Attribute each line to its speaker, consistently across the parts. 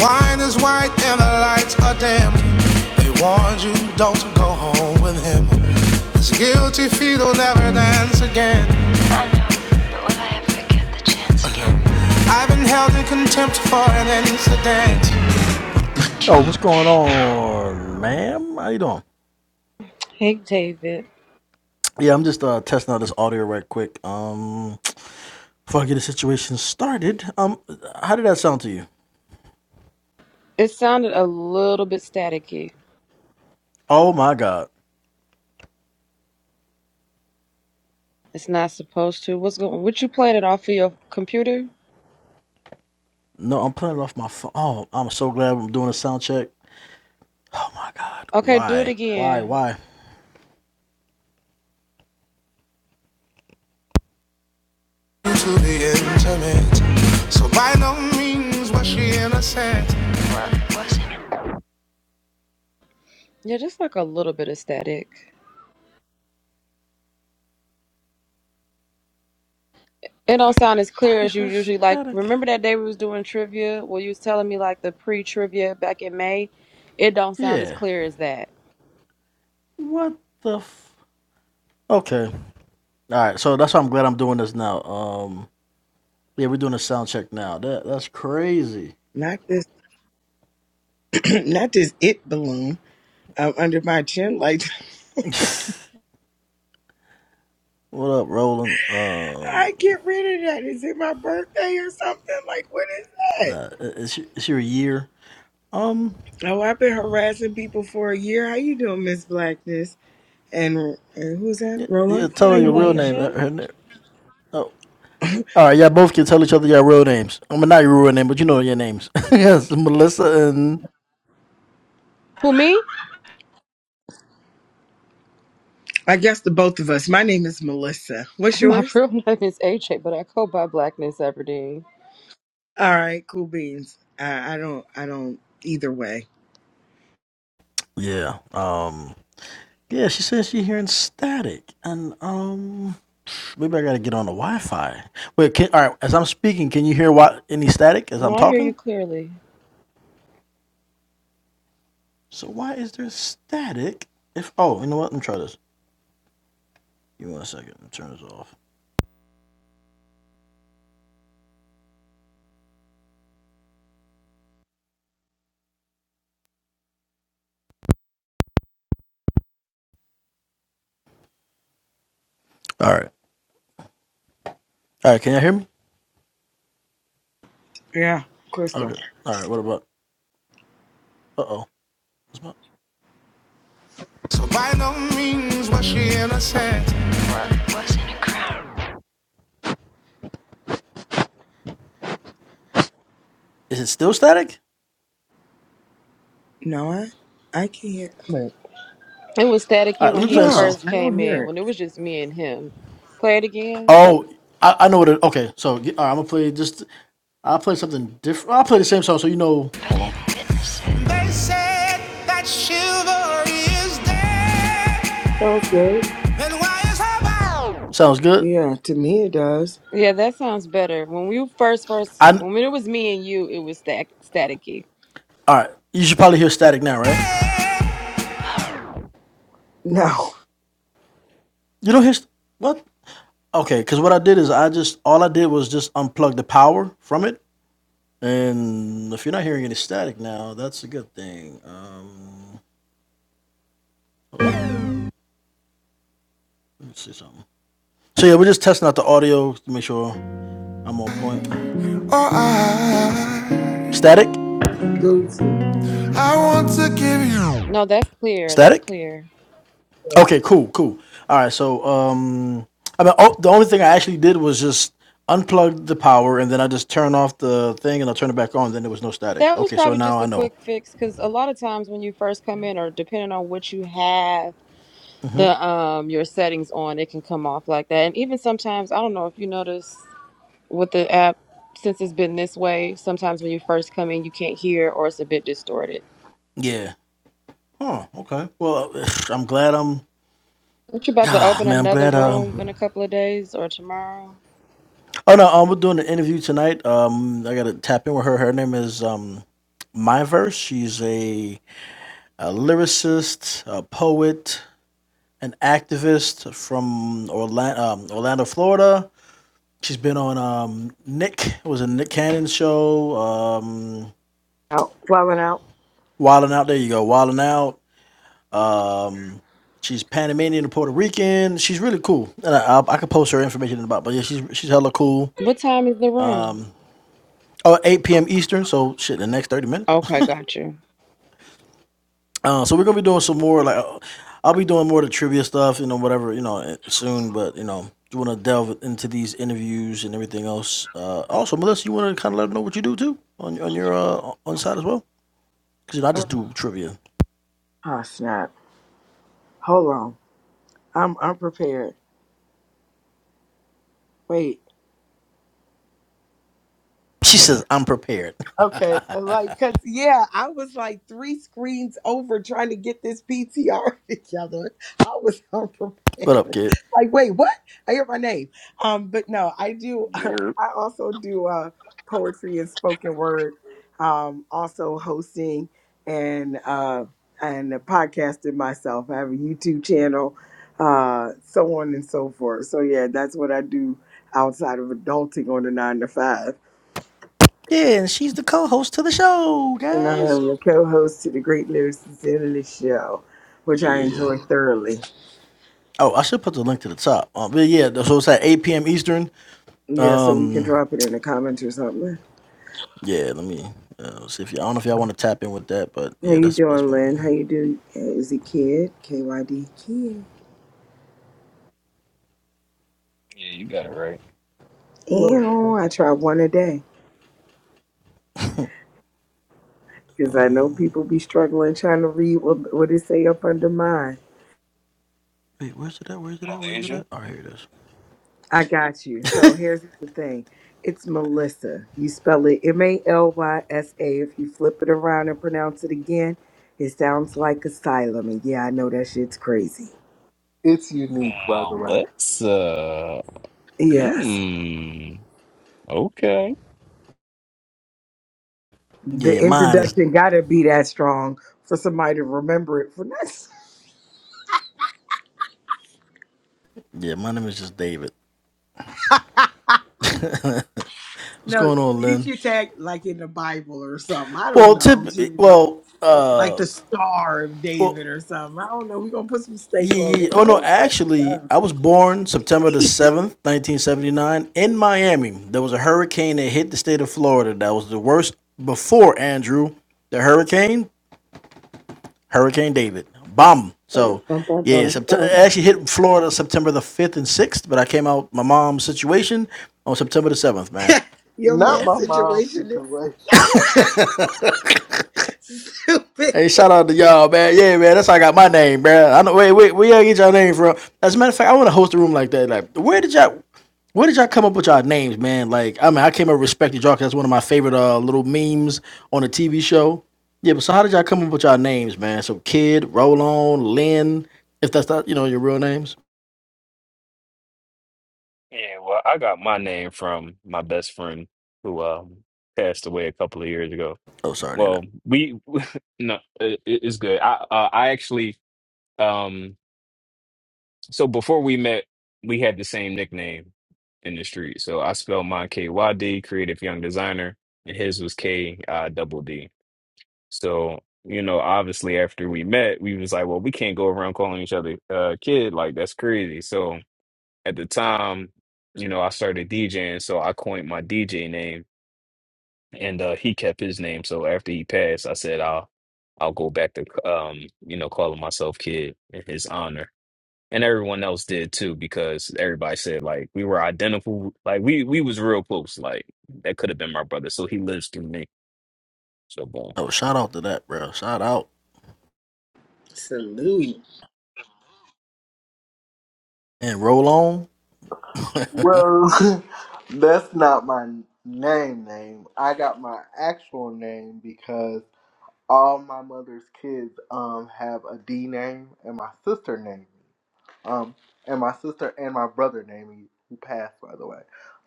Speaker 1: Wine is white and the lights are dim. They warned you don't go home with him. His guilty feet will never dance again. I know, but will I ever get the chance again? I've been held in contempt for an incident. Oh, what's going on, ma'am? How you doing?
Speaker 2: Hey, David.
Speaker 1: Yeah, I'm just uh testing out this audio right quick. Um, before I get the situation started, um, how did that sound to you?
Speaker 2: It sounded a little bit staticky.
Speaker 1: Oh my God!
Speaker 2: It's not supposed to. What's going? What you playing it off of your computer?
Speaker 1: No, I'm playing it off my phone. Oh, I'm so glad I'm doing a sound check. Oh my God.
Speaker 2: Okay, do it
Speaker 1: Why? Why?
Speaker 2: again.
Speaker 1: Why? to the intimate. So by no means was she innocent.
Speaker 2: Yeah, just like a little bit of static. It don't sound as
Speaker 1: Why
Speaker 2: clear
Speaker 1: is
Speaker 2: as you
Speaker 1: there
Speaker 2: usually like.
Speaker 1: static?
Speaker 2: Remember that day we was doing trivia? Well, you was telling me like the pre-trivia back in May. It don't sound as
Speaker 1: Yeah.
Speaker 2: clear as that.
Speaker 1: What the f- Okay. Alright, so that's why I'm glad I'm doing this now. Um yeah, we're doing a sound check now. That that's crazy.
Speaker 3: Not this, not this it balloon um, under my chin. Like,
Speaker 1: What up, Roland? Uh
Speaker 3: I get rid of that. Is it my birthday or something? Like, what is
Speaker 1: nah,
Speaker 3: that?
Speaker 1: is she, is she a year? Um
Speaker 3: Oh, I've been harassing people for a year. How you doing, Miss Blackness? And, and who's that?
Speaker 1: yeah, yeah,
Speaker 3: Roland?
Speaker 1: tell
Speaker 3: How
Speaker 2: Hey,
Speaker 1: her your
Speaker 3: you
Speaker 1: real
Speaker 3: doing?
Speaker 1: name. Uh,
Speaker 2: Malaysia.
Speaker 1: Her, na- oh, All right, y'all both can tell each other your real names. I'm mean, not your real name, but you know your names. yes, Melissa and
Speaker 2: Who me?
Speaker 3: I guess the both of us. My name is Melissa. What's
Speaker 2: My
Speaker 3: yours?
Speaker 2: real name is AJ, but I go by Blackness Aberdeen.
Speaker 3: All right, cool beans. I, I don't, I don't either way.
Speaker 1: yeah, um, yeah. She says she hearing static, and um, maybe I gotta get on the Wi-Fi. Wait, can, all right. As I'm speaking, can you hear what any static as I'm
Speaker 2: No, I hear you
Speaker 1: talking?
Speaker 2: clearly.
Speaker 1: So why is there static? If oh, you know what? Let me try this. Give me one second. Let me Turn this off. All right. All right. Can you all hear me?
Speaker 3: Yeah, Crystal.
Speaker 1: Okay. All right. What about? Uh oh. What's about? So by no means was she innocent. What was in the crowd? Is it still static?
Speaker 3: No, I, I can't. Wait.
Speaker 2: It was
Speaker 1: All
Speaker 2: staticky
Speaker 1: right, let
Speaker 2: when
Speaker 1: me
Speaker 2: he
Speaker 1: play a
Speaker 3: No,
Speaker 1: song.
Speaker 2: first
Speaker 3: I don't
Speaker 2: came in,
Speaker 3: hear it.
Speaker 2: when it was just me and him. Play it again.
Speaker 1: Oh, I, I know what it. Okay, so all right, I'm gonna play just. I'll play something different. I'll play the same song so you know. They said that chivalry is dead.
Speaker 3: Sounds good.
Speaker 1: Then why is her bound? Sounds good.
Speaker 3: Yeah, to me it does.
Speaker 2: Yeah, that sounds better. When we first first
Speaker 1: I.
Speaker 2: when it was me and you, it was sta- staticky.
Speaker 1: All right, you should probably hear static now, right?
Speaker 3: No.
Speaker 1: You don't hear st- what? Okay, because what I did is I just all I did was just unplug the power from it, and if you're not hearing any static now, that's a good thing. Um. Let's see something. So yeah, we're just testing out the audio to make sure I'm on point. Oh, I, Static?
Speaker 3: Guilty.
Speaker 1: I want to give you.
Speaker 2: No, that's clear. That's
Speaker 1: Static?
Speaker 2: clear.
Speaker 3: Yeah.
Speaker 1: Okay, cool, cool. All right, so um, I mean, oh, the only thing I actually did was just unplug the power and then I just turn off the thing and I'll turn it back on. Then there was no static.
Speaker 2: That was
Speaker 1: Okay, so
Speaker 2: probably
Speaker 1: now
Speaker 2: just
Speaker 1: I
Speaker 2: a
Speaker 1: know.
Speaker 2: quick fix because a lot of times when you first come in, or depending on what you have the um your settings on, it can come off like that. And even sometimes, I don't know if you notice with the app since it's been this way. Sometimes when you first come in, you can't hear or it's a bit distorted.
Speaker 1: Yeah. Oh, okay. Well, I'm glad I'm.
Speaker 2: What you about to
Speaker 1: ah,
Speaker 2: open
Speaker 1: Man, I'm
Speaker 2: another
Speaker 1: glad. Um,
Speaker 2: room in a couple of days or tomorrow?
Speaker 1: Oh no, um, we're doing an interview tonight. Um, I gotta tap in with her. Her name is um, Myverse. She's a, a lyricist, a poet, an activist from Orlando, um, Orlando, Florida. She's been on um, Nick. It was a Nick Cannon show. Um,
Speaker 3: Out. Falling out.
Speaker 1: Wildin' out. There you go. Wildin' out. Um, she's Panamanian and Puerto Rican. She's really cool, and I, I, I could post her information in about. But yeah, she's she's hella cool.
Speaker 2: What time is the room?
Speaker 1: Oh, 8 p.m. Eastern. So shit, the next thirty minutes.
Speaker 2: Okay, got you.
Speaker 1: Uh, so we're gonna be doing some more. Like, uh, I'll be doing more of the trivia stuff, you know, whatever, you know, eh, soon. But you know, you want to delve into these interviews and everything else. Uh, also, Melissa, you want to kind of let them know what you do too on on your uh, on side as well, because you know I just do trivia.
Speaker 3: Oh snap. Hold on. I'm unprepared. Wait.
Speaker 1: She says I'm prepared.
Speaker 3: Okay, and like, cause yeah, I was like three screens over trying to get this PTR together. I was unprepared.
Speaker 1: what up, kid?
Speaker 3: Like, wait, what? I hear my name. Um, but no, I do.
Speaker 4: Europe.
Speaker 3: I also do uh poetry and spoken word. Um, also hosting and uh and podcasting myself. I have a YouTube channel, uh, so on and so forth. So yeah, that's what I do outside of adulting on the nine to five.
Speaker 1: Yeah, and she's the co-host to the show,
Speaker 3: And I
Speaker 1: guys.
Speaker 3: am the co host to the Great Lyricist Italy Show, which
Speaker 1: Yeah,
Speaker 3: I
Speaker 1: yeah, yeah.
Speaker 3: enjoy thoroughly.
Speaker 1: Oh, I should put the link to the top. Uh, but yeah, so it's at 8 p.m. Eastern.
Speaker 3: Yeah, so we can
Speaker 1: Um,
Speaker 3: drop it in the comments or something.
Speaker 1: yeah, let me uh, see if y'all. I don't know if y'all want to tap in with that, but
Speaker 3: How
Speaker 1: yeah,
Speaker 3: you
Speaker 1: that's that's
Speaker 3: doing,
Speaker 1: what. I
Speaker 3: Lynn?
Speaker 1: mean.
Speaker 3: How you do? Is it kid? KYD kid.
Speaker 4: Yeah, you got it right.
Speaker 5: No,
Speaker 3: Ew, I try one a day. Because I know people be struggling trying to read what, what it say up under mine.
Speaker 1: Wait, where's it at? Where's it at? Where's it
Speaker 4: Malaysia.
Speaker 1: at? Oh, here it is.
Speaker 3: I got you. So here's the thing. It's Melissa. You spell it M A L Y S A. If you flip it around and pronounce it again, it sounds like asylum. And yeah, I know that shit's crazy.
Speaker 5: it's unique, by the
Speaker 4: Wow,
Speaker 5: way.
Speaker 4: let's uh
Speaker 3: Yes.
Speaker 4: hmm. Okay.
Speaker 3: The
Speaker 1: Yeah, mine is.
Speaker 3: introduction gotta be that strong for somebody to remember it for nothing.
Speaker 1: Yeah, my name is just David. What's
Speaker 3: No,
Speaker 1: going on,
Speaker 3: you
Speaker 1: Lynn?
Speaker 3: should tag like in the Bible or something. I don't
Speaker 1: Well,
Speaker 3: know.
Speaker 1: tip.
Speaker 3: You know,
Speaker 1: Well,
Speaker 3: like
Speaker 1: uh,
Speaker 3: the Star of
Speaker 1: well,
Speaker 3: David or something. I don't know. We're gonna put some steak
Speaker 1: yeah, yeah.
Speaker 3: on
Speaker 1: yeah.
Speaker 3: it. We're
Speaker 1: Oh no,
Speaker 3: gonna find
Speaker 1: actually,
Speaker 3: something.
Speaker 1: I was born September the seventh, nineteen seventy nine, in Miami. There was a hurricane that hit the state of Florida. That was the worst before Andrew. The hurricane, Hurricane David, bomb.
Speaker 3: Bum,
Speaker 1: So,
Speaker 3: bum, bum,
Speaker 1: yeah,
Speaker 3: bum,
Speaker 1: sept-
Speaker 3: bum.
Speaker 1: it actually hit Florida September the fifth and sixth. But I came out my mom's situation on September the seventh, man.
Speaker 3: Your
Speaker 5: Not
Speaker 1: Yeah.
Speaker 3: mom's
Speaker 5: my mom's
Speaker 3: situation
Speaker 5: situation.
Speaker 3: is stupid.
Speaker 1: Hey, shout out to y'all, man. Yeah, man. That's how I got my name, bro. I know. Wait, wait. Where y'all get y'all name from? As a matter of fact, I want to host a room like that. Like, where did y'all, where did y'all come up with y'all names, man? Like, I mean, I came up with respected y'all 'cause that's one of my favorite uh, little memes on a TV show. Yeah, but so how did y'all come up with y'all names, man? So, Kid, Roll On, Lynn, if that's not, you know, your real names.
Speaker 4: Yeah, well, I got my name from my best friend who um passed away a couple of years ago.
Speaker 1: Oh, sorry to hear
Speaker 4: Well,
Speaker 1: that.
Speaker 4: we no, it, it's good. I uh, I actually um so before we met, we had the same nickname in the street. So I spelled mine K Y D, creative young designer, and his was K uh, double D. So, you know, obviously after we met, we was like, well, we can't go around calling each other uh kid. Like that's crazy. So at the time, you know, I started DJing, so I coined my DJ name and uh he kept his name. So after he passed, I said I'll I'll go back to um, you know, calling myself kid in his honor. And everyone else did too, because everybody said like we were identical, like we we was real close, like that could have been my brother. So he lives through me. So boom.
Speaker 1: Oh, shout out to that, bro. Shout out
Speaker 3: Salute.
Speaker 1: and Roll On.
Speaker 5: Well, that's not my name. Name. I got my actual name because all my mother's kids um have a D name, and my sister named me. Um, and my sister and my brother named me, who passed, by the way.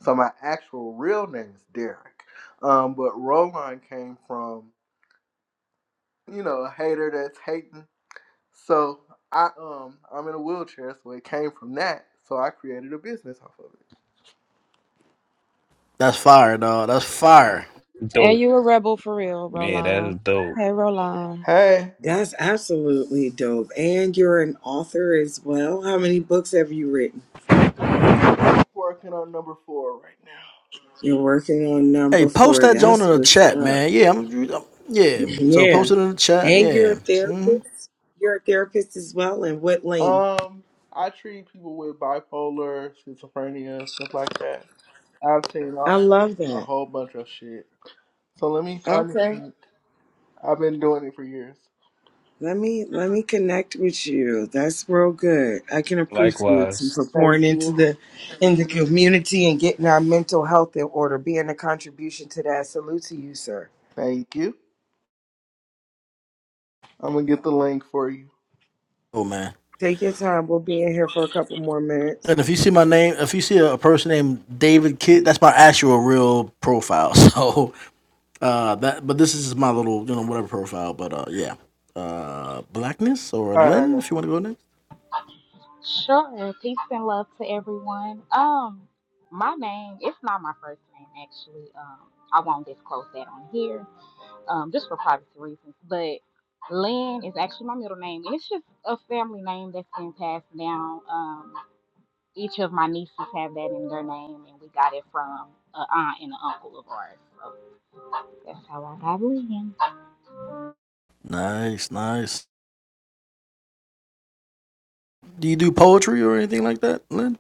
Speaker 5: So my actual real name is Derek. Um, but Roland came from you know a hater that's hating. So I um I'm in a wheelchair, so it came from that. So I created a business off of it.
Speaker 1: That's fire, dog. That's fire.
Speaker 2: And
Speaker 4: Dope.
Speaker 2: you a rebel for real,
Speaker 4: Yeah, that is
Speaker 2: Roland.
Speaker 4: dope.
Speaker 2: Hey, Roland.
Speaker 5: Hey,
Speaker 3: That's absolutely dope. And you're an author as well. How many books have you written?
Speaker 5: working on number four right now.
Speaker 3: You're working on
Speaker 1: Hey,
Speaker 3: number
Speaker 1: post
Speaker 3: four.
Speaker 1: that joint in
Speaker 3: That's
Speaker 1: the
Speaker 3: what's
Speaker 1: chat,
Speaker 3: up.
Speaker 1: man. Yeah, I'm, I'm- yeah. So
Speaker 3: Yeah.
Speaker 1: post it in the chat.
Speaker 3: And you're
Speaker 1: Yeah.
Speaker 3: a
Speaker 1: mm hmm
Speaker 3: therapist. You're a therapist as well. In what lane?
Speaker 5: Um, I treat people with bipolar, schizophrenia, stuff like that. I've seen all,
Speaker 3: I love
Speaker 5: a
Speaker 3: that.
Speaker 5: whole bunch of shit. So let me find the
Speaker 3: Okay.
Speaker 5: link. I've been doing it for years.
Speaker 3: Let me let me connect with you. That's real good. I can appreciate you
Speaker 4: Likewise.
Speaker 3: for
Speaker 5: Thank
Speaker 3: pouring into
Speaker 5: you.
Speaker 3: the in the community and getting our mental health in order, being a contribution to that. Salute to you, sir.
Speaker 5: Thank you. I'm gonna get the link for you.
Speaker 1: Oh man.
Speaker 3: Take your time. We'll be in here for a couple more minutes.
Speaker 1: And if you see my name, if you see a, a person named David Kidd, that's my actual real profile. So uh that, but this is my little, you know, whatever profile. But uh, yeah. Uh, blackness or
Speaker 5: All right, I
Speaker 1: Lynn, if you want to go
Speaker 5: got
Speaker 1: next.
Speaker 6: Sure. Peace and love to everyone. Um, my name, it's not my first name actually. Um, I won't disclose that on here. Um, just for privacy reasons. But Lynn is actually my middle name. And it's just a family name that's been passed down. Um, each of my nieces have that in their name and we got it from a aunt and an uncle of ours. So that's how I got Lynn.
Speaker 1: Nice, nice. Do you do poetry or anything like that, Lynn?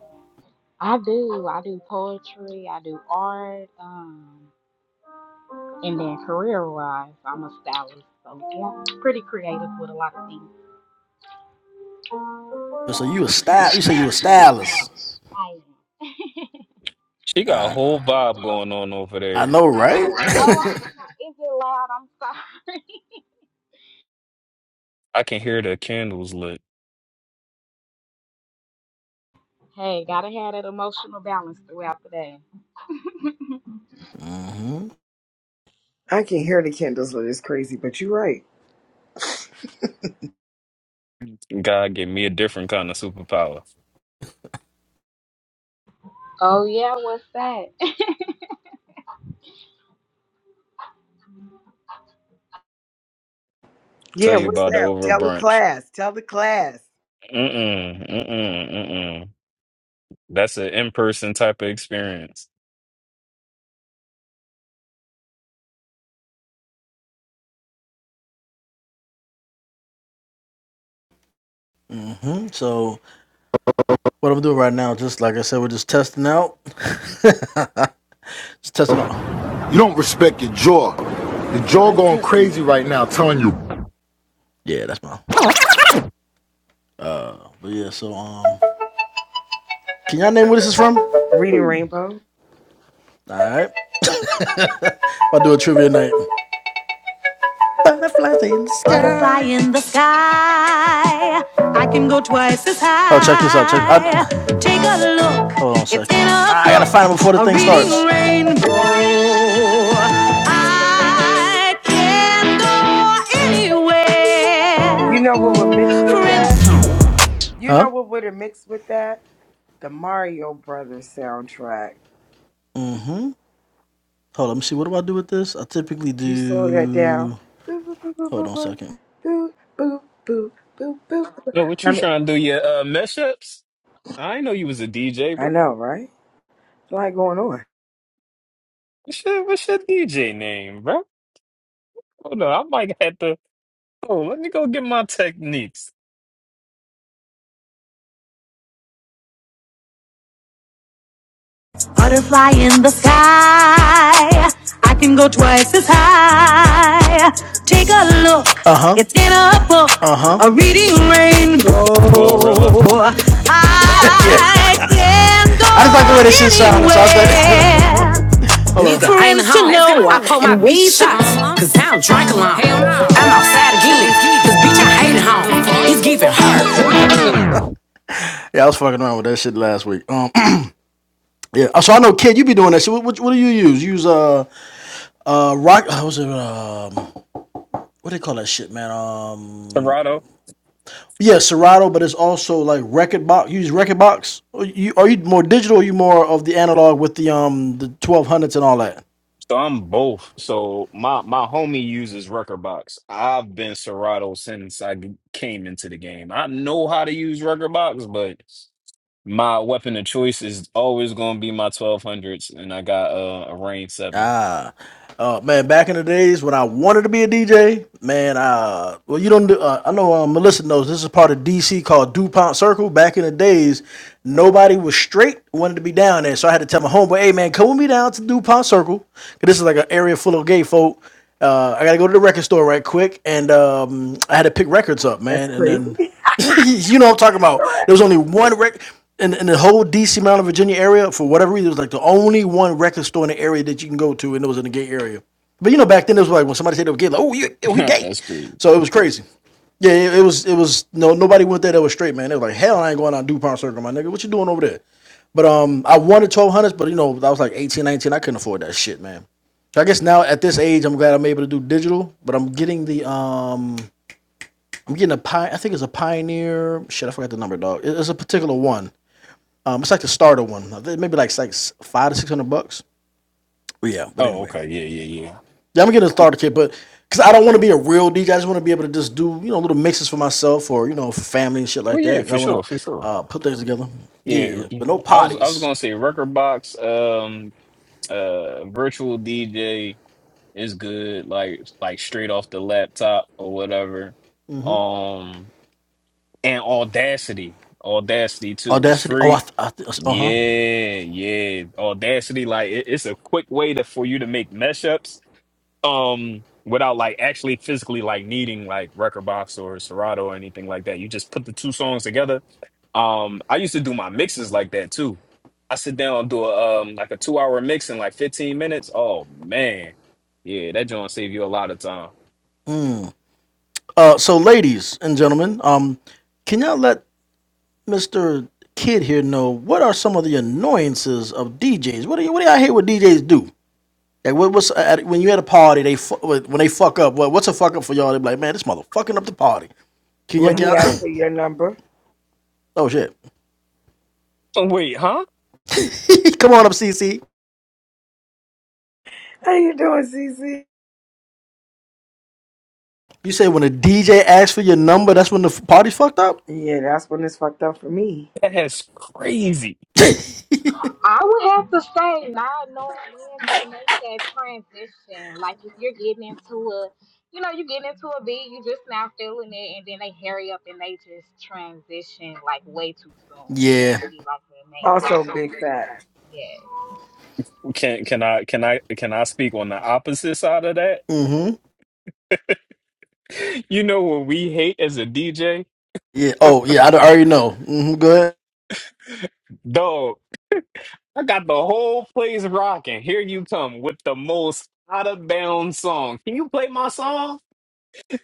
Speaker 6: I do. I do poetry, I do art, Um. And then career wise, I'm a stylist. So yeah, pretty creative with a lot of things.
Speaker 1: So you a
Speaker 6: So you are a
Speaker 1: style? You say you a
Speaker 6: stylist? So you a
Speaker 1: stylist?
Speaker 6: stylist? I am.
Speaker 4: She got a
Speaker 1: I
Speaker 6: She got
Speaker 4: whole
Speaker 6: a whole vibe
Speaker 4: vibe going on
Speaker 6: going on
Speaker 4: over
Speaker 1: I
Speaker 4: there.
Speaker 1: know,
Speaker 6: over there. I know,
Speaker 1: right?
Speaker 6: right? Oh, I'm Is it loud? I'm sorry.
Speaker 4: I can hear the candles lit.
Speaker 6: Hey, gotta have that emotional balance throughout the day.
Speaker 1: Mm-hmm.
Speaker 3: I can hear the candles lit. It's crazy, but you're right.
Speaker 4: God gave me a different kind of superpower.
Speaker 6: Oh yeah, what's that?
Speaker 4: Tell
Speaker 3: Yeah,
Speaker 4: you
Speaker 3: what's
Speaker 4: about it
Speaker 3: that?
Speaker 4: over
Speaker 3: Tell the
Speaker 4: brunch.
Speaker 3: class. Tell the class.
Speaker 4: Mm-mm, mm-mm, mm-mm. That's an in-person type of experience.
Speaker 1: hmm So What I'm doing right now, just like I said, we're just testing out. Just testing out.
Speaker 3: You guys, live testing.
Speaker 1: Yeah, that's mine. But yeah, so um, can y'all name where this is from? All
Speaker 3: Reading Rainbow.
Speaker 1: right, I'll do a trivia night. Butterflies in the sky. Butterfly in the sky. I can go twice as high. Oh, check this out. Check. I, Take a look. hold on a It's second. in I gotta find it before the thing starts. rainbow. I can go
Speaker 3: You know what would mix with that? You
Speaker 1: Huh?
Speaker 3: know what would have mixed with that? The Mario Brothers soundtrack.
Speaker 1: Mm-hmm. Hold on, let me see. What do I do with this? I typically
Speaker 3: You slow that down.
Speaker 1: do.
Speaker 3: Boo boo boo
Speaker 1: Hold
Speaker 3: boo
Speaker 1: on a
Speaker 3: boo
Speaker 1: second.
Speaker 3: boo boo boo boo boo boo. boo.
Speaker 4: So what
Speaker 3: I,
Speaker 4: you
Speaker 3: mean,
Speaker 4: trying to do, your uh, mesh I didn't know you was a DJ,
Speaker 3: I
Speaker 4: bro.
Speaker 3: know, right? It's like going on.
Speaker 4: What's your, what's your DJ name, bro? Hold on, I might have to... Oh, let me go get my techniques.
Speaker 1: Butterfly in the sky. I can go twice as high. Take a look. Uh huh. It's in a book. Uh huh. A reading rainbow.
Speaker 4: Glorilla,
Speaker 1: yeah. I yeah. can go I just like the way this shit sounded, so I was like, anywhere. hold Need on. for him to know. I call my weed shots. Cause I don't drink alone. I'm outside again. Cause bitch, I hate home. He's giving her. Yeah, I was fucking around with that shit last week. Um, yeah. Uh, So I know, kid, you be doing that shit. What, what, what do you use? You use uh, uh, rock. Uh, what's it? Um, what do they call that shit, man? Um,
Speaker 4: Torado.
Speaker 1: yeah, Serato, but it's also like record box. You use record box. Are you, are you more digital? Or are you more of the analog with the um the twelve hundreds and all that?
Speaker 4: So I'm both. So my my homie uses Box. I've been Serato since I g- came into the game. I know how to use Box, but my weapon of choice is always going to be my 1200s, and I got uh, a Rain 7.
Speaker 1: Ah, uh, man, back in the days when I wanted to be a DJ, man, uh, well, you don't do, uh, I know uh, Melissa knows this is part of DC called DuPont Circle. Back in the days, nobody was straight, wanted to be down there. So I had to tell my homeboy, hey, man, come with me down to DuPont Circle. 'cause this is like an area full of gay folk. Uh, I got to go to the record store right quick. And um, I had to pick records up,
Speaker 3: That's
Speaker 1: man. And
Speaker 3: crazy.
Speaker 1: then you know what I'm talking about. There
Speaker 3: Correct.
Speaker 1: was only one record in, in the whole DC, Maryland, Virginia area. For whatever reason, it was like the only one record store in the area that you can go to, and it was in the gay area. But you know, back then it was like when somebody said they were gay, like, oh, you, oh, we gay.
Speaker 4: That's crazy.
Speaker 1: So it was crazy. Yeah, it, it was. It was no nobody went there that was straight, man. They were like, hell, I ain't going out Dupont Circle, my nigga. What you doing over there? But um, I wanted twelve hundreds, but you know, I was like 18, 19. I couldn't afford that shit, man. So I guess now at this age, I'm glad I'm able to do digital, but I'm getting the um I'm getting a pie. I think it's a Pioneer. Shit, I forgot the number, dog. It- It's a particular one. Um, it's like the starter one. I think Maybe like it's like s- five to six hundred bucks. But yeah, but
Speaker 4: Oh,
Speaker 1: anyway,
Speaker 4: okay. Yeah, yeah, yeah.
Speaker 1: yeah, I'm getting a
Speaker 4: Y-
Speaker 1: starter kit, but because I don't want to be a real DJ, I just want to be able to just do you know little mixes for myself or you know for family and shit
Speaker 4: Oh,
Speaker 1: like
Speaker 4: yeah,
Speaker 1: that. 'Cause I
Speaker 4: for sure,
Speaker 1: want to
Speaker 4: for sure.
Speaker 1: uh, put things together.
Speaker 4: Yeah,
Speaker 1: Yeah,
Speaker 4: yeah.
Speaker 1: but no
Speaker 4: I was I was
Speaker 1: potties.
Speaker 4: going to say Box, um, uh, Virtual DJ is good, like like straight off the laptop or whatever. Um, And Audacity. Audacity too. It's
Speaker 1: Audacity. Oh, I
Speaker 4: free.
Speaker 1: th- I th- uh huh.
Speaker 4: Yeah, yeah. Audacity, like it- it's a quick way to for you to make mashups. Um without like actually physically like needing like record box or Serato or anything like that. You just put the two songs together. Um I used to do my mixes like that too. I sit down and do a um like a two hour mix in like 15 minutes. Oh man. Yeah, that joint save you a lot of time.
Speaker 1: Uh, so ladies and gentlemen, um, can y'all let Mr. Kid here know what are some of the annoyances of DJs? What do you what do y'all hear what DJs do? Like what, what's uh, at, when you at a party they fu- when they fuck up? What, what's a fuck up for y'all? They be like, man, this motherfucking up the party. Can you
Speaker 3: When
Speaker 1: can
Speaker 3: he
Speaker 1: you
Speaker 3: asked for your number,
Speaker 1: Oh shit!
Speaker 4: wait, huh?
Speaker 1: Come on up, CC.
Speaker 3: how you doing, Cece?
Speaker 1: You say when a DJ asks for your number, that's when the f- party's fucked up.
Speaker 3: Yeah, that's when it's fucked up for me.
Speaker 4: That is crazy.
Speaker 6: I would have to say not knowing when to make that transition. Like if you're getting into a, you know, you get into a beat, you just now feeling it, and then they hurry up and they just transition like way too soon. That
Speaker 1: Yeah.
Speaker 6: would be like the main
Speaker 3: Also, big
Speaker 6: thing.
Speaker 3: facts.
Speaker 6: Yeah.
Speaker 4: Can can I can I can I speak on the opposite side of that?
Speaker 1: Mm-hmm.
Speaker 4: You know what we hate as a DJ?
Speaker 1: Yeah. Oh yeah. I d- I already know. Mm-hmm. Go ahead.
Speaker 4: Dog, I got the whole place rocking. Here you come with the most out of bounds song. Can you play my song?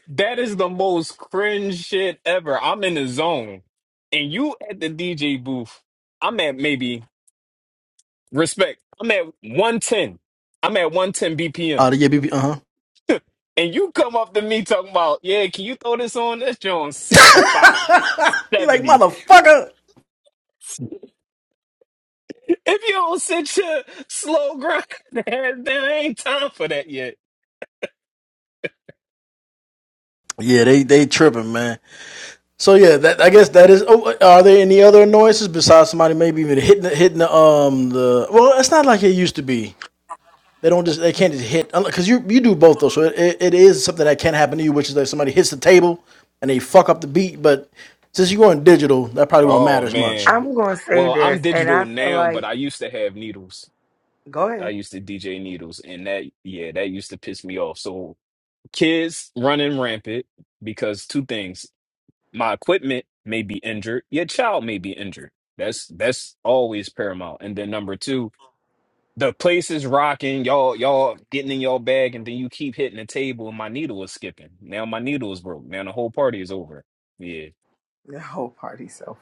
Speaker 4: That is the most cringe shit ever. I'm in the zone. And you at the DJ booth, I'm at maybe respect. I'm at 110. I'm at 110 BPM.
Speaker 1: Oh yeah. BB. Uh huh.
Speaker 4: And you come up to me talking about, yeah, can you throw this on? This joint 65.
Speaker 1: You like
Speaker 4: 70
Speaker 1: motherfucker.
Speaker 4: If you don't sit your slow grind, there there ain't time for that yet.
Speaker 1: Yeah. They they tripping, man. So yeah, that I guess that is. Oh, are there any other annoyances besides somebody maybe even hitting the, hitting the um the? Well, it's not like it used to be. They don't just they can't just hit because you you do both though. So it, it, it is something that can happen to you, which is that somebody hits the table and they fuck up the beat. But since you're going digital, that probably won't
Speaker 4: Oh
Speaker 1: matter as much.
Speaker 4: man.
Speaker 3: I'm gonna say
Speaker 4: Well, I'm
Speaker 3: this, and I
Speaker 4: digital
Speaker 3: feel
Speaker 4: now, but
Speaker 3: like
Speaker 4: I used to have needles.
Speaker 3: go
Speaker 4: I
Speaker 3: ahead.
Speaker 4: used to DJ needles, and that yeah, that used to piss me off. So kids running rampant because two things: my equipment may be injured, your child may be injured. That's that's always paramount. And then number two, The place is rocking, y'all, y'all getting in your bag, and then you keep hitting the table, and my needle was skipping. Now my needle is broke. Now the whole party is over. Yeah,
Speaker 3: The whole party so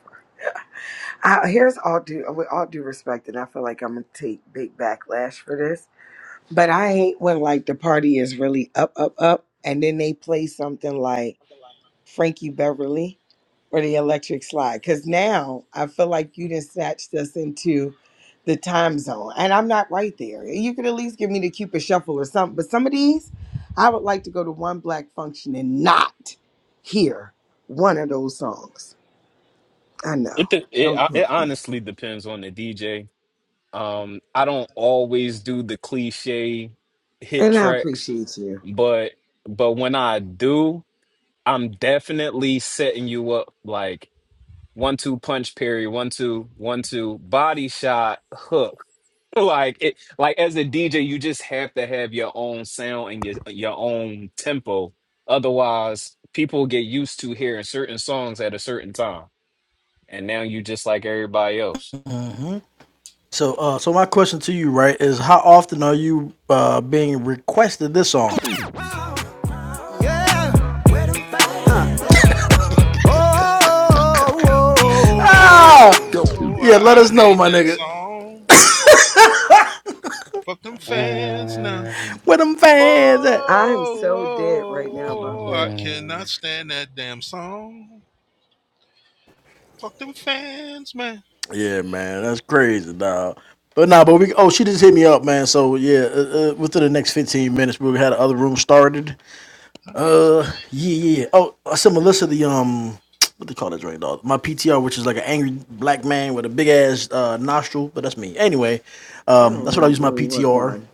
Speaker 3: I, here's all due with all due respect, and I feel like I'm gonna take big backlash for this. But I hate when like the party is really up, up, up, and then they play something like Frankie Beverly or the Electric Slide, because now I feel like you just snatched us into the time zone, and I'm not right there. You could at least give me the Cupid Shuffle or something. But some of these, I would like to go to one black function and not hear one of those songs. I
Speaker 4: it
Speaker 3: know.
Speaker 4: de- it
Speaker 3: Don't
Speaker 4: I-
Speaker 3: kill
Speaker 4: it
Speaker 3: me.
Speaker 4: honestly depends on the DJ. Um, I don't always do the cliche hit
Speaker 3: And I
Speaker 4: tracks,
Speaker 3: appreciate you.
Speaker 4: but but when I do, I'm definitely setting you up like one two punch, Perry, one two, one two, body shot, hook. like it like as a DJ you just have to have your own sound and your your own tempo otherwise people get used to hearing certain songs at a certain time and now you just like everybody else
Speaker 1: So uh, so my question to you right is how often are you uh being requested this song? Oh!
Speaker 7: Whoa, whoa, whoa, whoa,
Speaker 1: Ah,
Speaker 7: whoa. I,
Speaker 1: yeah, let us
Speaker 7: I
Speaker 1: know,
Speaker 7: hate
Speaker 1: my
Speaker 7: that
Speaker 1: nigga.
Speaker 7: song. Fuck them fans now.
Speaker 1: Where them fans at?
Speaker 3: I'm so dead right now about
Speaker 7: Oh, I
Speaker 3: that.
Speaker 7: cannot
Speaker 4: Mm.
Speaker 7: stand that damn song. Fuck them fans, man.
Speaker 1: Yeah, man, that's crazy, dog. But nah, but we. Oh, she just hit me up, man. So yeah, uh, uh, within the next fifteen minutes, we had the other room started.
Speaker 7: I can't stand
Speaker 1: Uh, yeah, yeah. yeah.
Speaker 7: that.
Speaker 1: Oh, I sent Melissa the um, what they call that drink, dog? My PTR, which is like an angry black man with a big ass uh, nostril, but that's me. Anyway,
Speaker 3: I
Speaker 1: um,
Speaker 3: don't
Speaker 1: that's what I
Speaker 3: know
Speaker 1: use my
Speaker 3: really what
Speaker 1: PTR.
Speaker 3: one.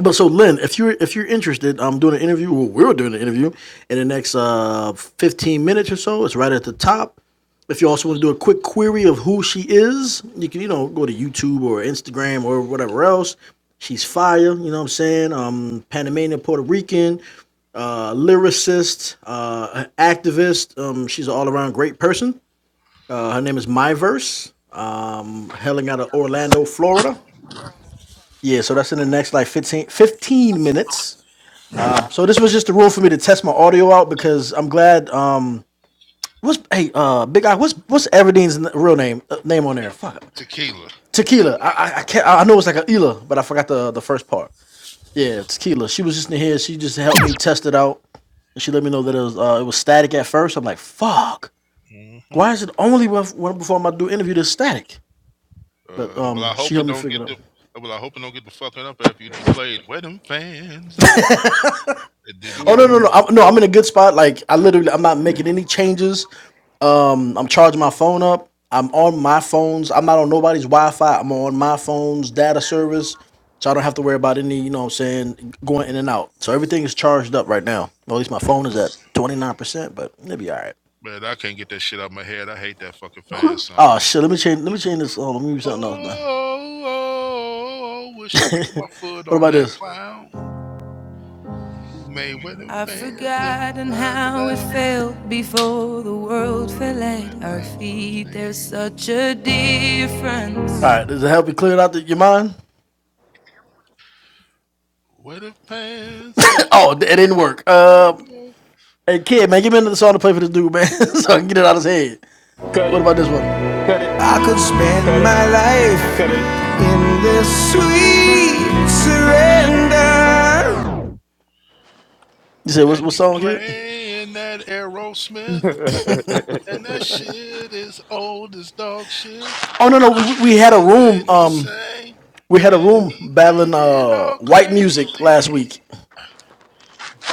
Speaker 1: But so, Lynn, if you're if you're interested, I'm doing an interview. Well, we're doing an interview in the next uh, 15 minutes or so. It's right at the top. If you also want to do a quick query of who she is, you can you know go to YouTube or Instagram or whatever else. She's fire. You know what I'm saying? Um, Panamanian, Puerto Rican, uh, lyricist, uh, activist. Um, she's an all around great person. Uh, her name is Myverse. Um, hailing out of Orlando, Florida. Yeah, so that's in the next like 15, 15 minutes. So this was just a room for me to test my audio out because I'm glad. Um, what's hey, uh, Big Eye? What's what's Everdeen's real name uh, name on there? Fuck,
Speaker 7: Tequila.
Speaker 1: Tequila. I,
Speaker 7: Tequila.
Speaker 1: I I can't. I know it's like a Ela, but I forgot the the first part. Yeah, Tequila. She was just in here. She just helped me test it out, and she let me know that it was uh, it was static at first. I'm like, fuck.
Speaker 7: mm hmm
Speaker 1: Why is it only when, when before I do interview that's static? But
Speaker 7: Uh, well,
Speaker 1: um,
Speaker 7: I
Speaker 1: she
Speaker 7: hope it
Speaker 1: helped me
Speaker 7: don't
Speaker 1: figure it
Speaker 7: get the.
Speaker 1: out.
Speaker 7: Well, I hope it don't get the fucking up after you done played. Where them fans at? It did it
Speaker 1: Oh
Speaker 7: get in
Speaker 1: no
Speaker 7: the
Speaker 1: no no
Speaker 3: Mm-mm.
Speaker 7: room?
Speaker 1: I'm, no! I'm in a good spot. Like I literally, I'm not making any changes. Um, I'm charging my phone up. I'm on my phones. I'm not on nobody's Wi-Fi. I'm on my phone's data service, so I don't have to worry about any. You know what I'm saying? Going in
Speaker 7: Mm.
Speaker 1: and out. So everything is charged up right now. Well, at least my phone is at 29 percent, but it'll be all right.
Speaker 7: Man, I can't get that shit out of my head. I hate that fucking fan
Speaker 5: you.
Speaker 1: Oh
Speaker 7: song.
Speaker 1: shit! Let me change. Let me change this. Oh, let me do
Speaker 7: Oh,
Speaker 1: something else, man.
Speaker 7: oh, oh, wish I could put my foot
Speaker 1: What
Speaker 7: on
Speaker 1: about
Speaker 7: that
Speaker 1: this?
Speaker 7: clown who made wedding
Speaker 1: I've
Speaker 7: fans. uh, uh,
Speaker 1: forgotten
Speaker 7: the
Speaker 1: how it
Speaker 7: matter with the
Speaker 1: felt before the world fell
Speaker 7: girls and
Speaker 1: at our
Speaker 7: I ain't gonna
Speaker 1: feet. There's
Speaker 7: please.
Speaker 1: such a difference. All right, does it help you clear it out the, your mind?
Speaker 7: Wedding fans, uh,
Speaker 1: Oh, it didn't work. Uh,
Speaker 7: oh,
Speaker 1: hey, kid, man, give me another song to play for this dude, man, so I can get it out of his head.
Speaker 4: cut
Speaker 1: What
Speaker 4: it
Speaker 1: about this one?
Speaker 4: cut it
Speaker 1: I could
Speaker 4: cut
Speaker 1: spend
Speaker 4: it
Speaker 1: my life
Speaker 4: cut
Speaker 1: in this sweet surrender. You said what,
Speaker 7: and
Speaker 1: what
Speaker 7: you
Speaker 1: song, kid?
Speaker 7: playing that Aerosmith, and that
Speaker 4: it
Speaker 7: shit is old as dog shit.
Speaker 1: Oh no, no, we, we had a room.
Speaker 7: Even he
Speaker 1: Um,
Speaker 7: sang,
Speaker 1: we had a
Speaker 7: and
Speaker 1: room
Speaker 7: he
Speaker 1: battling
Speaker 7: went
Speaker 1: uh
Speaker 7: all
Speaker 1: white music last week,
Speaker 7: crazy.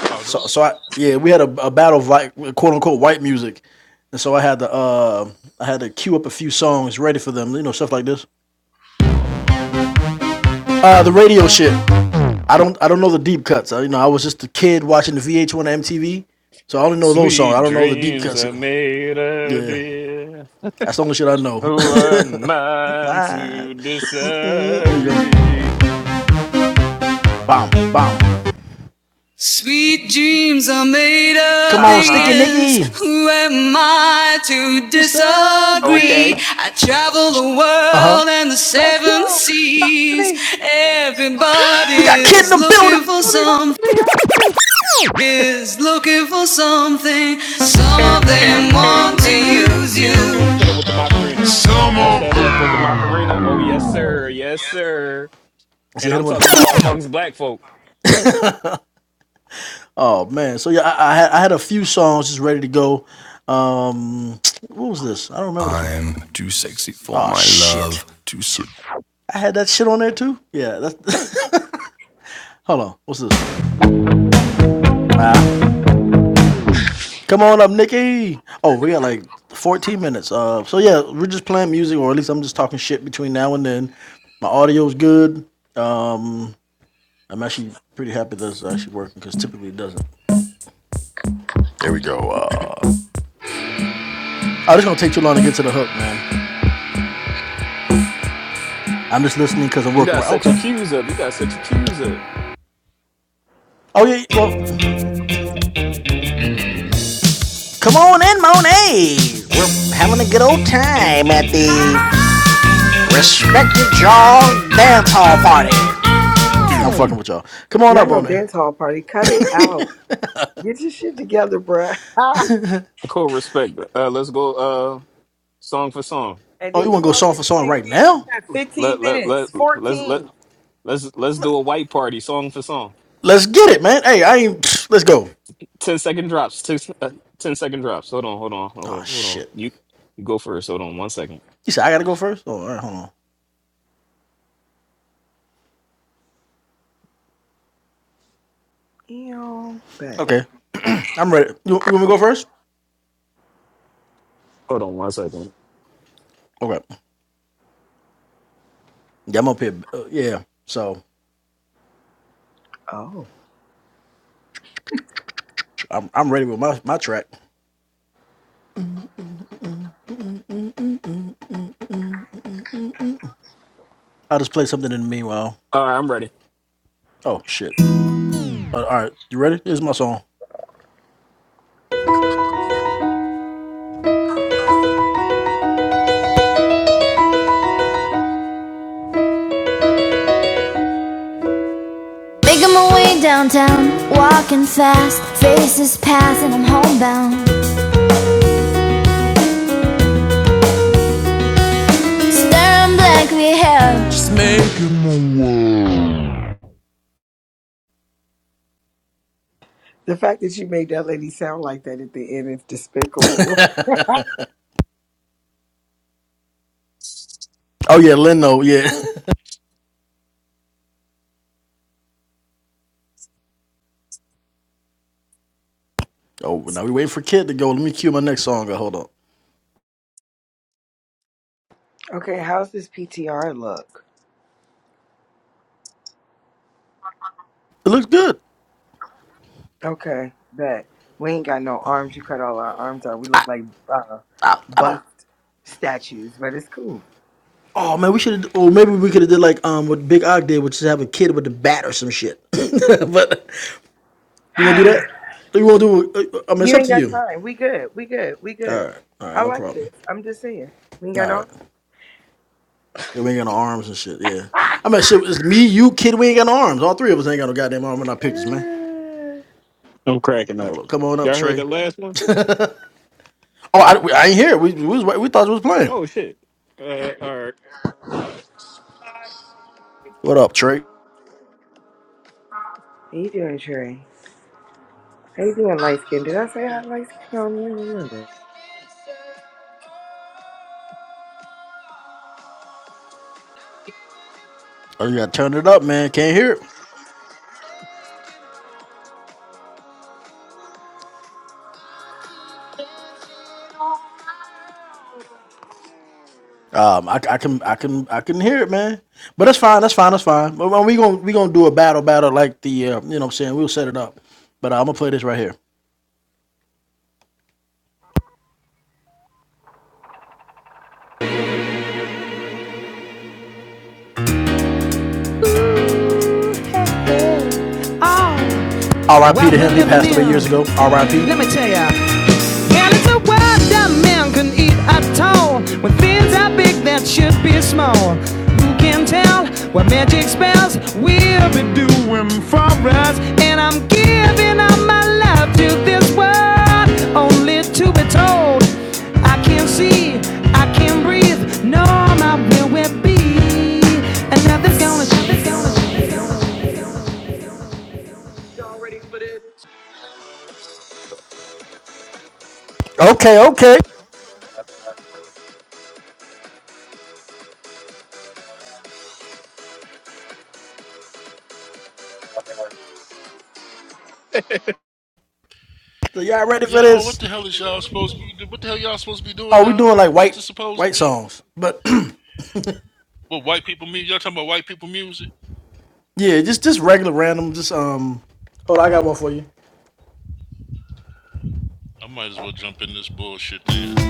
Speaker 7: Oh, no
Speaker 1: So so I yeah, we had a, a battle of like quote unquote white music, and so I had to uh I had to queue up a few songs ready for them, you know stuff like this. Uh, the radio shit. I don't I don't know the deep cuts. I, you know I was just a kid watching the VH1 and MTV, so I only know those songs. I
Speaker 4: sweet
Speaker 1: don't know the deep
Speaker 4: dreams
Speaker 1: cuts.
Speaker 4: are made of
Speaker 1: Yeah,
Speaker 4: beer
Speaker 1: that's the only shit I know.
Speaker 4: who am I
Speaker 1: Ah,
Speaker 4: to
Speaker 1: mm, mm,
Speaker 4: disagree
Speaker 1: Sweet dreams are made of Come on, stick
Speaker 4: uh-huh
Speaker 1: it, Nicky. Who am I to
Speaker 4: okay
Speaker 1: disagree? I travel the world uh-huh. and the
Speaker 4: Let's
Speaker 1: seven
Speaker 4: go. Rock with
Speaker 1: seas.
Speaker 4: me.
Speaker 1: Everybody We
Speaker 4: Let
Speaker 1: got kid
Speaker 4: me,
Speaker 1: in the building.
Speaker 4: let me rock with me. Rock with me. Er, er, er, er, er, er, er. Hit him with the Macarena. Mesh that up with the Macarena. Oh, yes, sir. Yes, sir.
Speaker 1: I said,
Speaker 4: And
Speaker 1: hit
Speaker 4: I'm
Speaker 1: him with
Speaker 4: talking
Speaker 1: the-
Speaker 4: about amongst black folk.
Speaker 1: Oh man. So yeah, I, I had I had a few songs just ready to go. Um, what was this? I don't remember. I had that shit on there too. Yeah. That's, hold on. What's this? Come on up, Nikki. Oh, we got like 14 minutes. Uh, so yeah, we're just playing music, or at least I'm just talking shit between now and then. My audio's good. I'm actually pretty happy that's actually working because typically it doesn't. There we go. Uh, I just gonna take too long to get to the hook, man. I'm just listening because I'm
Speaker 4: You got
Speaker 1: working.
Speaker 4: to
Speaker 1: Right.
Speaker 4: set your
Speaker 1: Okay.
Speaker 4: cues up. You got to set your cues up.
Speaker 1: Oh yeah. yeah, Well, I'm fucking with y'all. Come on
Speaker 3: Not
Speaker 1: up
Speaker 3: no
Speaker 1: on there.
Speaker 3: dance hall party. Cut it out. Get your shit together, bruh. and
Speaker 4: Cool respect. Uh, let's go uh, song for song.
Speaker 1: Oh, you
Speaker 3: then
Speaker 1: wanna
Speaker 3: you
Speaker 1: go
Speaker 3: out
Speaker 1: song
Speaker 3: here
Speaker 1: for song
Speaker 3: playing
Speaker 1: right
Speaker 3: games. You
Speaker 1: now?
Speaker 3: got 15
Speaker 4: Let, let, let,
Speaker 3: minutes.
Speaker 4: let's, let,
Speaker 3: 14.
Speaker 4: let's, let's do a white party song for song.
Speaker 1: Let's get it, man. Hey, I ain't. Let's go.
Speaker 4: 10 second drops. 10, uh, 10 second drops. Hold on, hold on, hold
Speaker 1: Oh
Speaker 4: on, hold on.
Speaker 1: shit.
Speaker 4: You, you go first. Hold on one second.
Speaker 1: You said I gotta go first. Oh, all right. Hold on.
Speaker 3: Ew. But
Speaker 1: Okay. I'm ready. You, you want me to go first?
Speaker 4: Hold on one second.
Speaker 1: Okay. Yeah, I'm up here. Uh, yeah, so
Speaker 3: oh.
Speaker 1: I'm I'm ready with my my track. I'll just play something in the meanwhile.
Speaker 4: All right, I'm ready.
Speaker 1: Oh shit! Uh, all right, you ready? Here's my song. Making my way downtown, walking fast, faces pass I'm homebound. Staring blankly ahead.
Speaker 3: The fact that you made that lady sound like that at the end is despicable.
Speaker 1: Oh yeah, Leno. Yeah. Oh, now we waiting for Kid to go. Let me cue my next song. Uh, Hold on.
Speaker 3: Okay, how's this PTR look?
Speaker 1: It looks good.
Speaker 3: Okay, bet. We ain't got no arms. You cut all our arms out. We look like uh,
Speaker 1: I don't.
Speaker 3: bust statues, but it's cool.
Speaker 1: Oh man, we should. Or maybe we could have did like um what Big Og did, which is have a kid with a bat or some shit. but you want to do that? You want to do? uh, I mean, it's
Speaker 3: you
Speaker 1: up
Speaker 3: ain't
Speaker 1: to
Speaker 3: got
Speaker 1: you.
Speaker 3: time. We good. We good. We
Speaker 1: All
Speaker 3: good.
Speaker 1: right, all
Speaker 3: I
Speaker 1: right, no
Speaker 3: like
Speaker 1: problem.
Speaker 3: this. I'm just saying. We ain't got
Speaker 1: All
Speaker 3: no
Speaker 1: right.
Speaker 3: arms.
Speaker 1: Yeah, we ain't got no arms and shit. Yeah, I mean, shit. It's me, you, kid. We ain't got no arms. All three of us ain't got no goddamn arm in our pictures, man.
Speaker 3: Uh,
Speaker 4: I'm cracking up.
Speaker 1: Hold up. Come on up,
Speaker 4: Y'all heard
Speaker 1: Trey.
Speaker 4: that last one?
Speaker 1: Oh, I, I ain't here. We we, was, we thought you was playing.
Speaker 4: Oh shit. Uh, all right.
Speaker 1: What up, Trey?
Speaker 3: how you doing, Trey? How you doing, light skin? Did I say I had light skin on you? I don't remember.
Speaker 1: Oh, you gotta turn it up, man. Can't hear it. Um, I, I can I can I can hear it, man. But that's fine. That's fine. That's fine. But we gonna we gonna do a battle battle like the uh, you know what I'm saying. We'll set it up. But uh, I'm gonna play this right here. R.I.P. to him. He passed away years ago. R.I.P. can eat at all when things are big that should be small. Who can all what magic spells? and I'm giving all my love to this world, only to be told I can't see, I can't breathe. No, my will will be, and gonna. Nothing's gonna Okay, okay. So y'all ready for
Speaker 7: Yo, what
Speaker 1: this?
Speaker 7: the hell is y'all supposed to be do? What the hell y'all supposed to be doing
Speaker 1: Oh, we
Speaker 7: now?
Speaker 1: doing like
Speaker 7: What's
Speaker 1: white
Speaker 7: this supposed to
Speaker 1: white
Speaker 7: be?
Speaker 1: songs. But
Speaker 7: What white people music? Y'all talking about white people music?
Speaker 1: yeah, just just regular random, just um Hold I got one for you.
Speaker 7: I might as well jump in this bullshit then.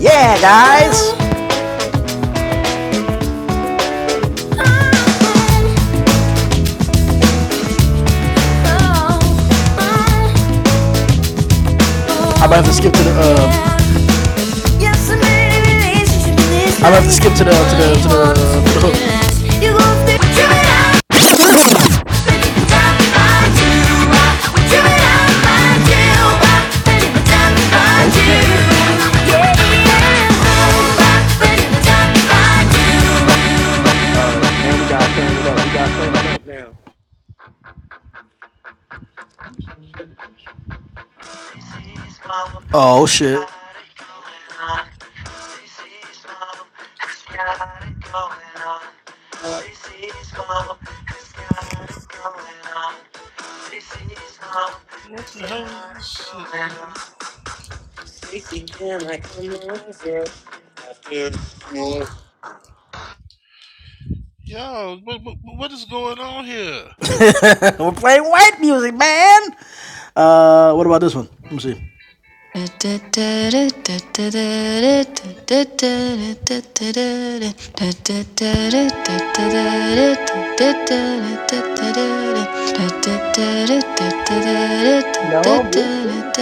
Speaker 1: Yeah, guys. I might have to skip to the uh, I might have to skip to the to the to the, to the hook.
Speaker 4: Okay. All right. Now we gotta turn it up. We gotta turn it up now.
Speaker 1: Oh shit,
Speaker 7: What the hell is this shit? Yo, what, what, what is going on here?
Speaker 1: we're playing white music, man. Uh, what about this one? Let me see.
Speaker 5: no, I'm with this.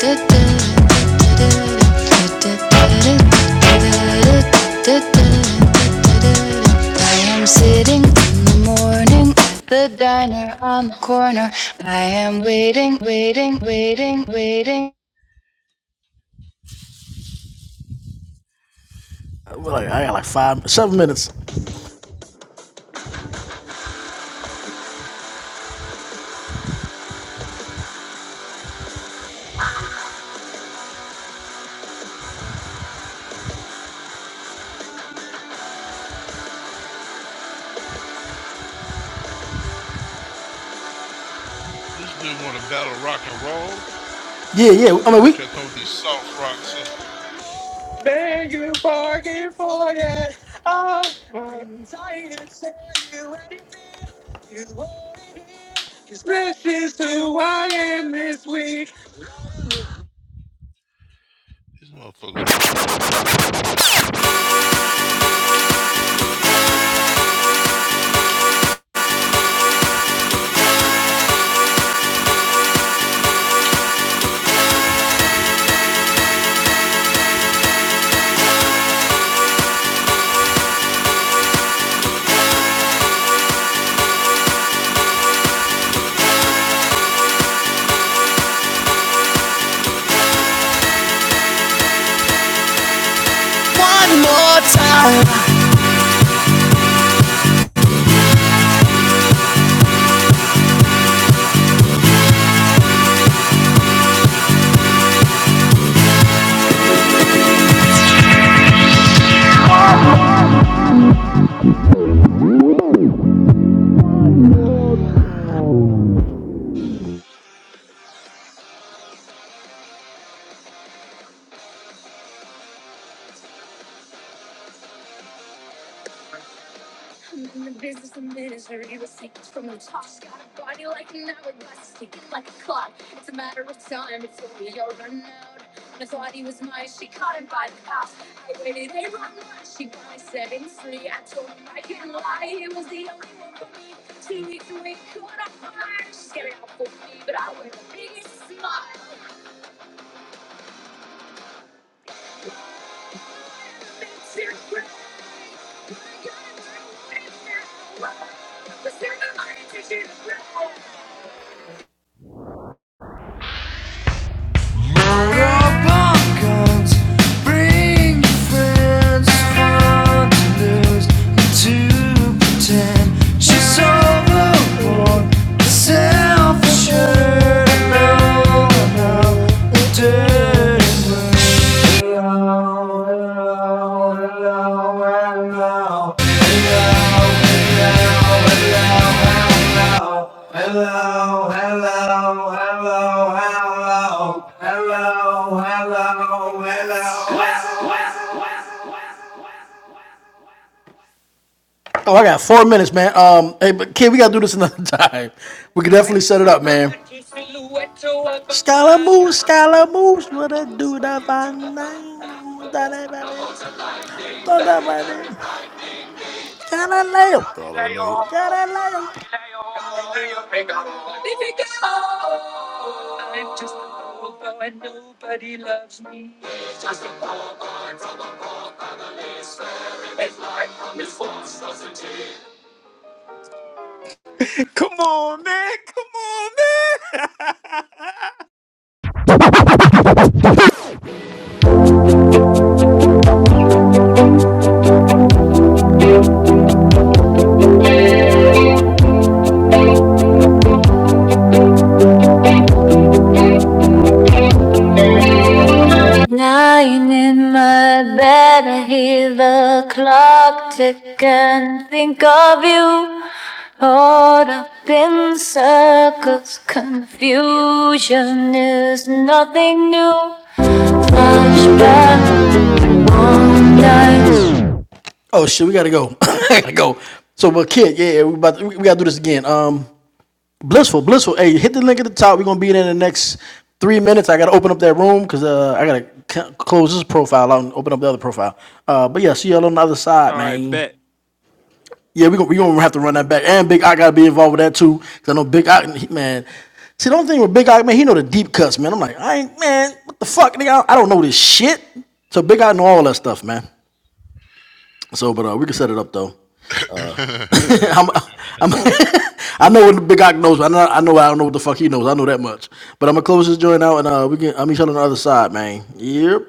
Speaker 1: yeah. I am sitting in the morning at the diner on the corner. I am waiting, waiting, waiting, waiting. Well, like, I got like five, seven minutes.
Speaker 7: This dude want to battle rock and roll.
Speaker 1: Yeah, yeah. I mean,
Speaker 7: He
Speaker 1: we.
Speaker 7: try to come with these soft rocks. Huh? These motherfuckers want to battle rock. I'm down for that bullshit.
Speaker 1: Oh, I got four minutes, man. Um, hey, but kid, we gotta do this another time. We can definitely set it up, man. Scaramouche, Scaramouche, what a dude of a name.
Speaker 4: Uh,
Speaker 1: Galileo, Galileo, Galileo.
Speaker 4: I'm just a poor boy, nobody loves me. Just a poor boy from a poor family, sparing his life from his false positivity.
Speaker 1: Lying in my bed, I hear the clock tick and think of you. Caught up in circles, confusion is nothing new. Flashback, one night. Oh shit, we gotta go. I gotta go. So, but kid, yeah, yeah, we about to, we we gotta do this again. Um, blissful, blissful. Hey, hit the link at the top. We're gonna be in in the next three minutes. I gotta open up that room because uh, I gotta c- close this profile out and open up the other profile. Uh, but yeah, see y'all on the other side,
Speaker 4: All right,
Speaker 1: man.
Speaker 4: bet.
Speaker 1: Yeah, we gonna we gonna have to run that back. And Big I gotta be involved with that too because I know Big I man. See, the only thing with Big I man, he know the deep cuts, man. I'm like, I ain't man. What the fuck, nigga? I don't know this shit. So Big I know all that stuff, man. So, but uh, we can set it up though. I'm, I'm, I know what the Big Ock knows. but I know, I know. I don't know what the fuck he knows. I know that much. But I'm gonna close this joint out, and uh, we can. i am each you on the other side, man. Yep.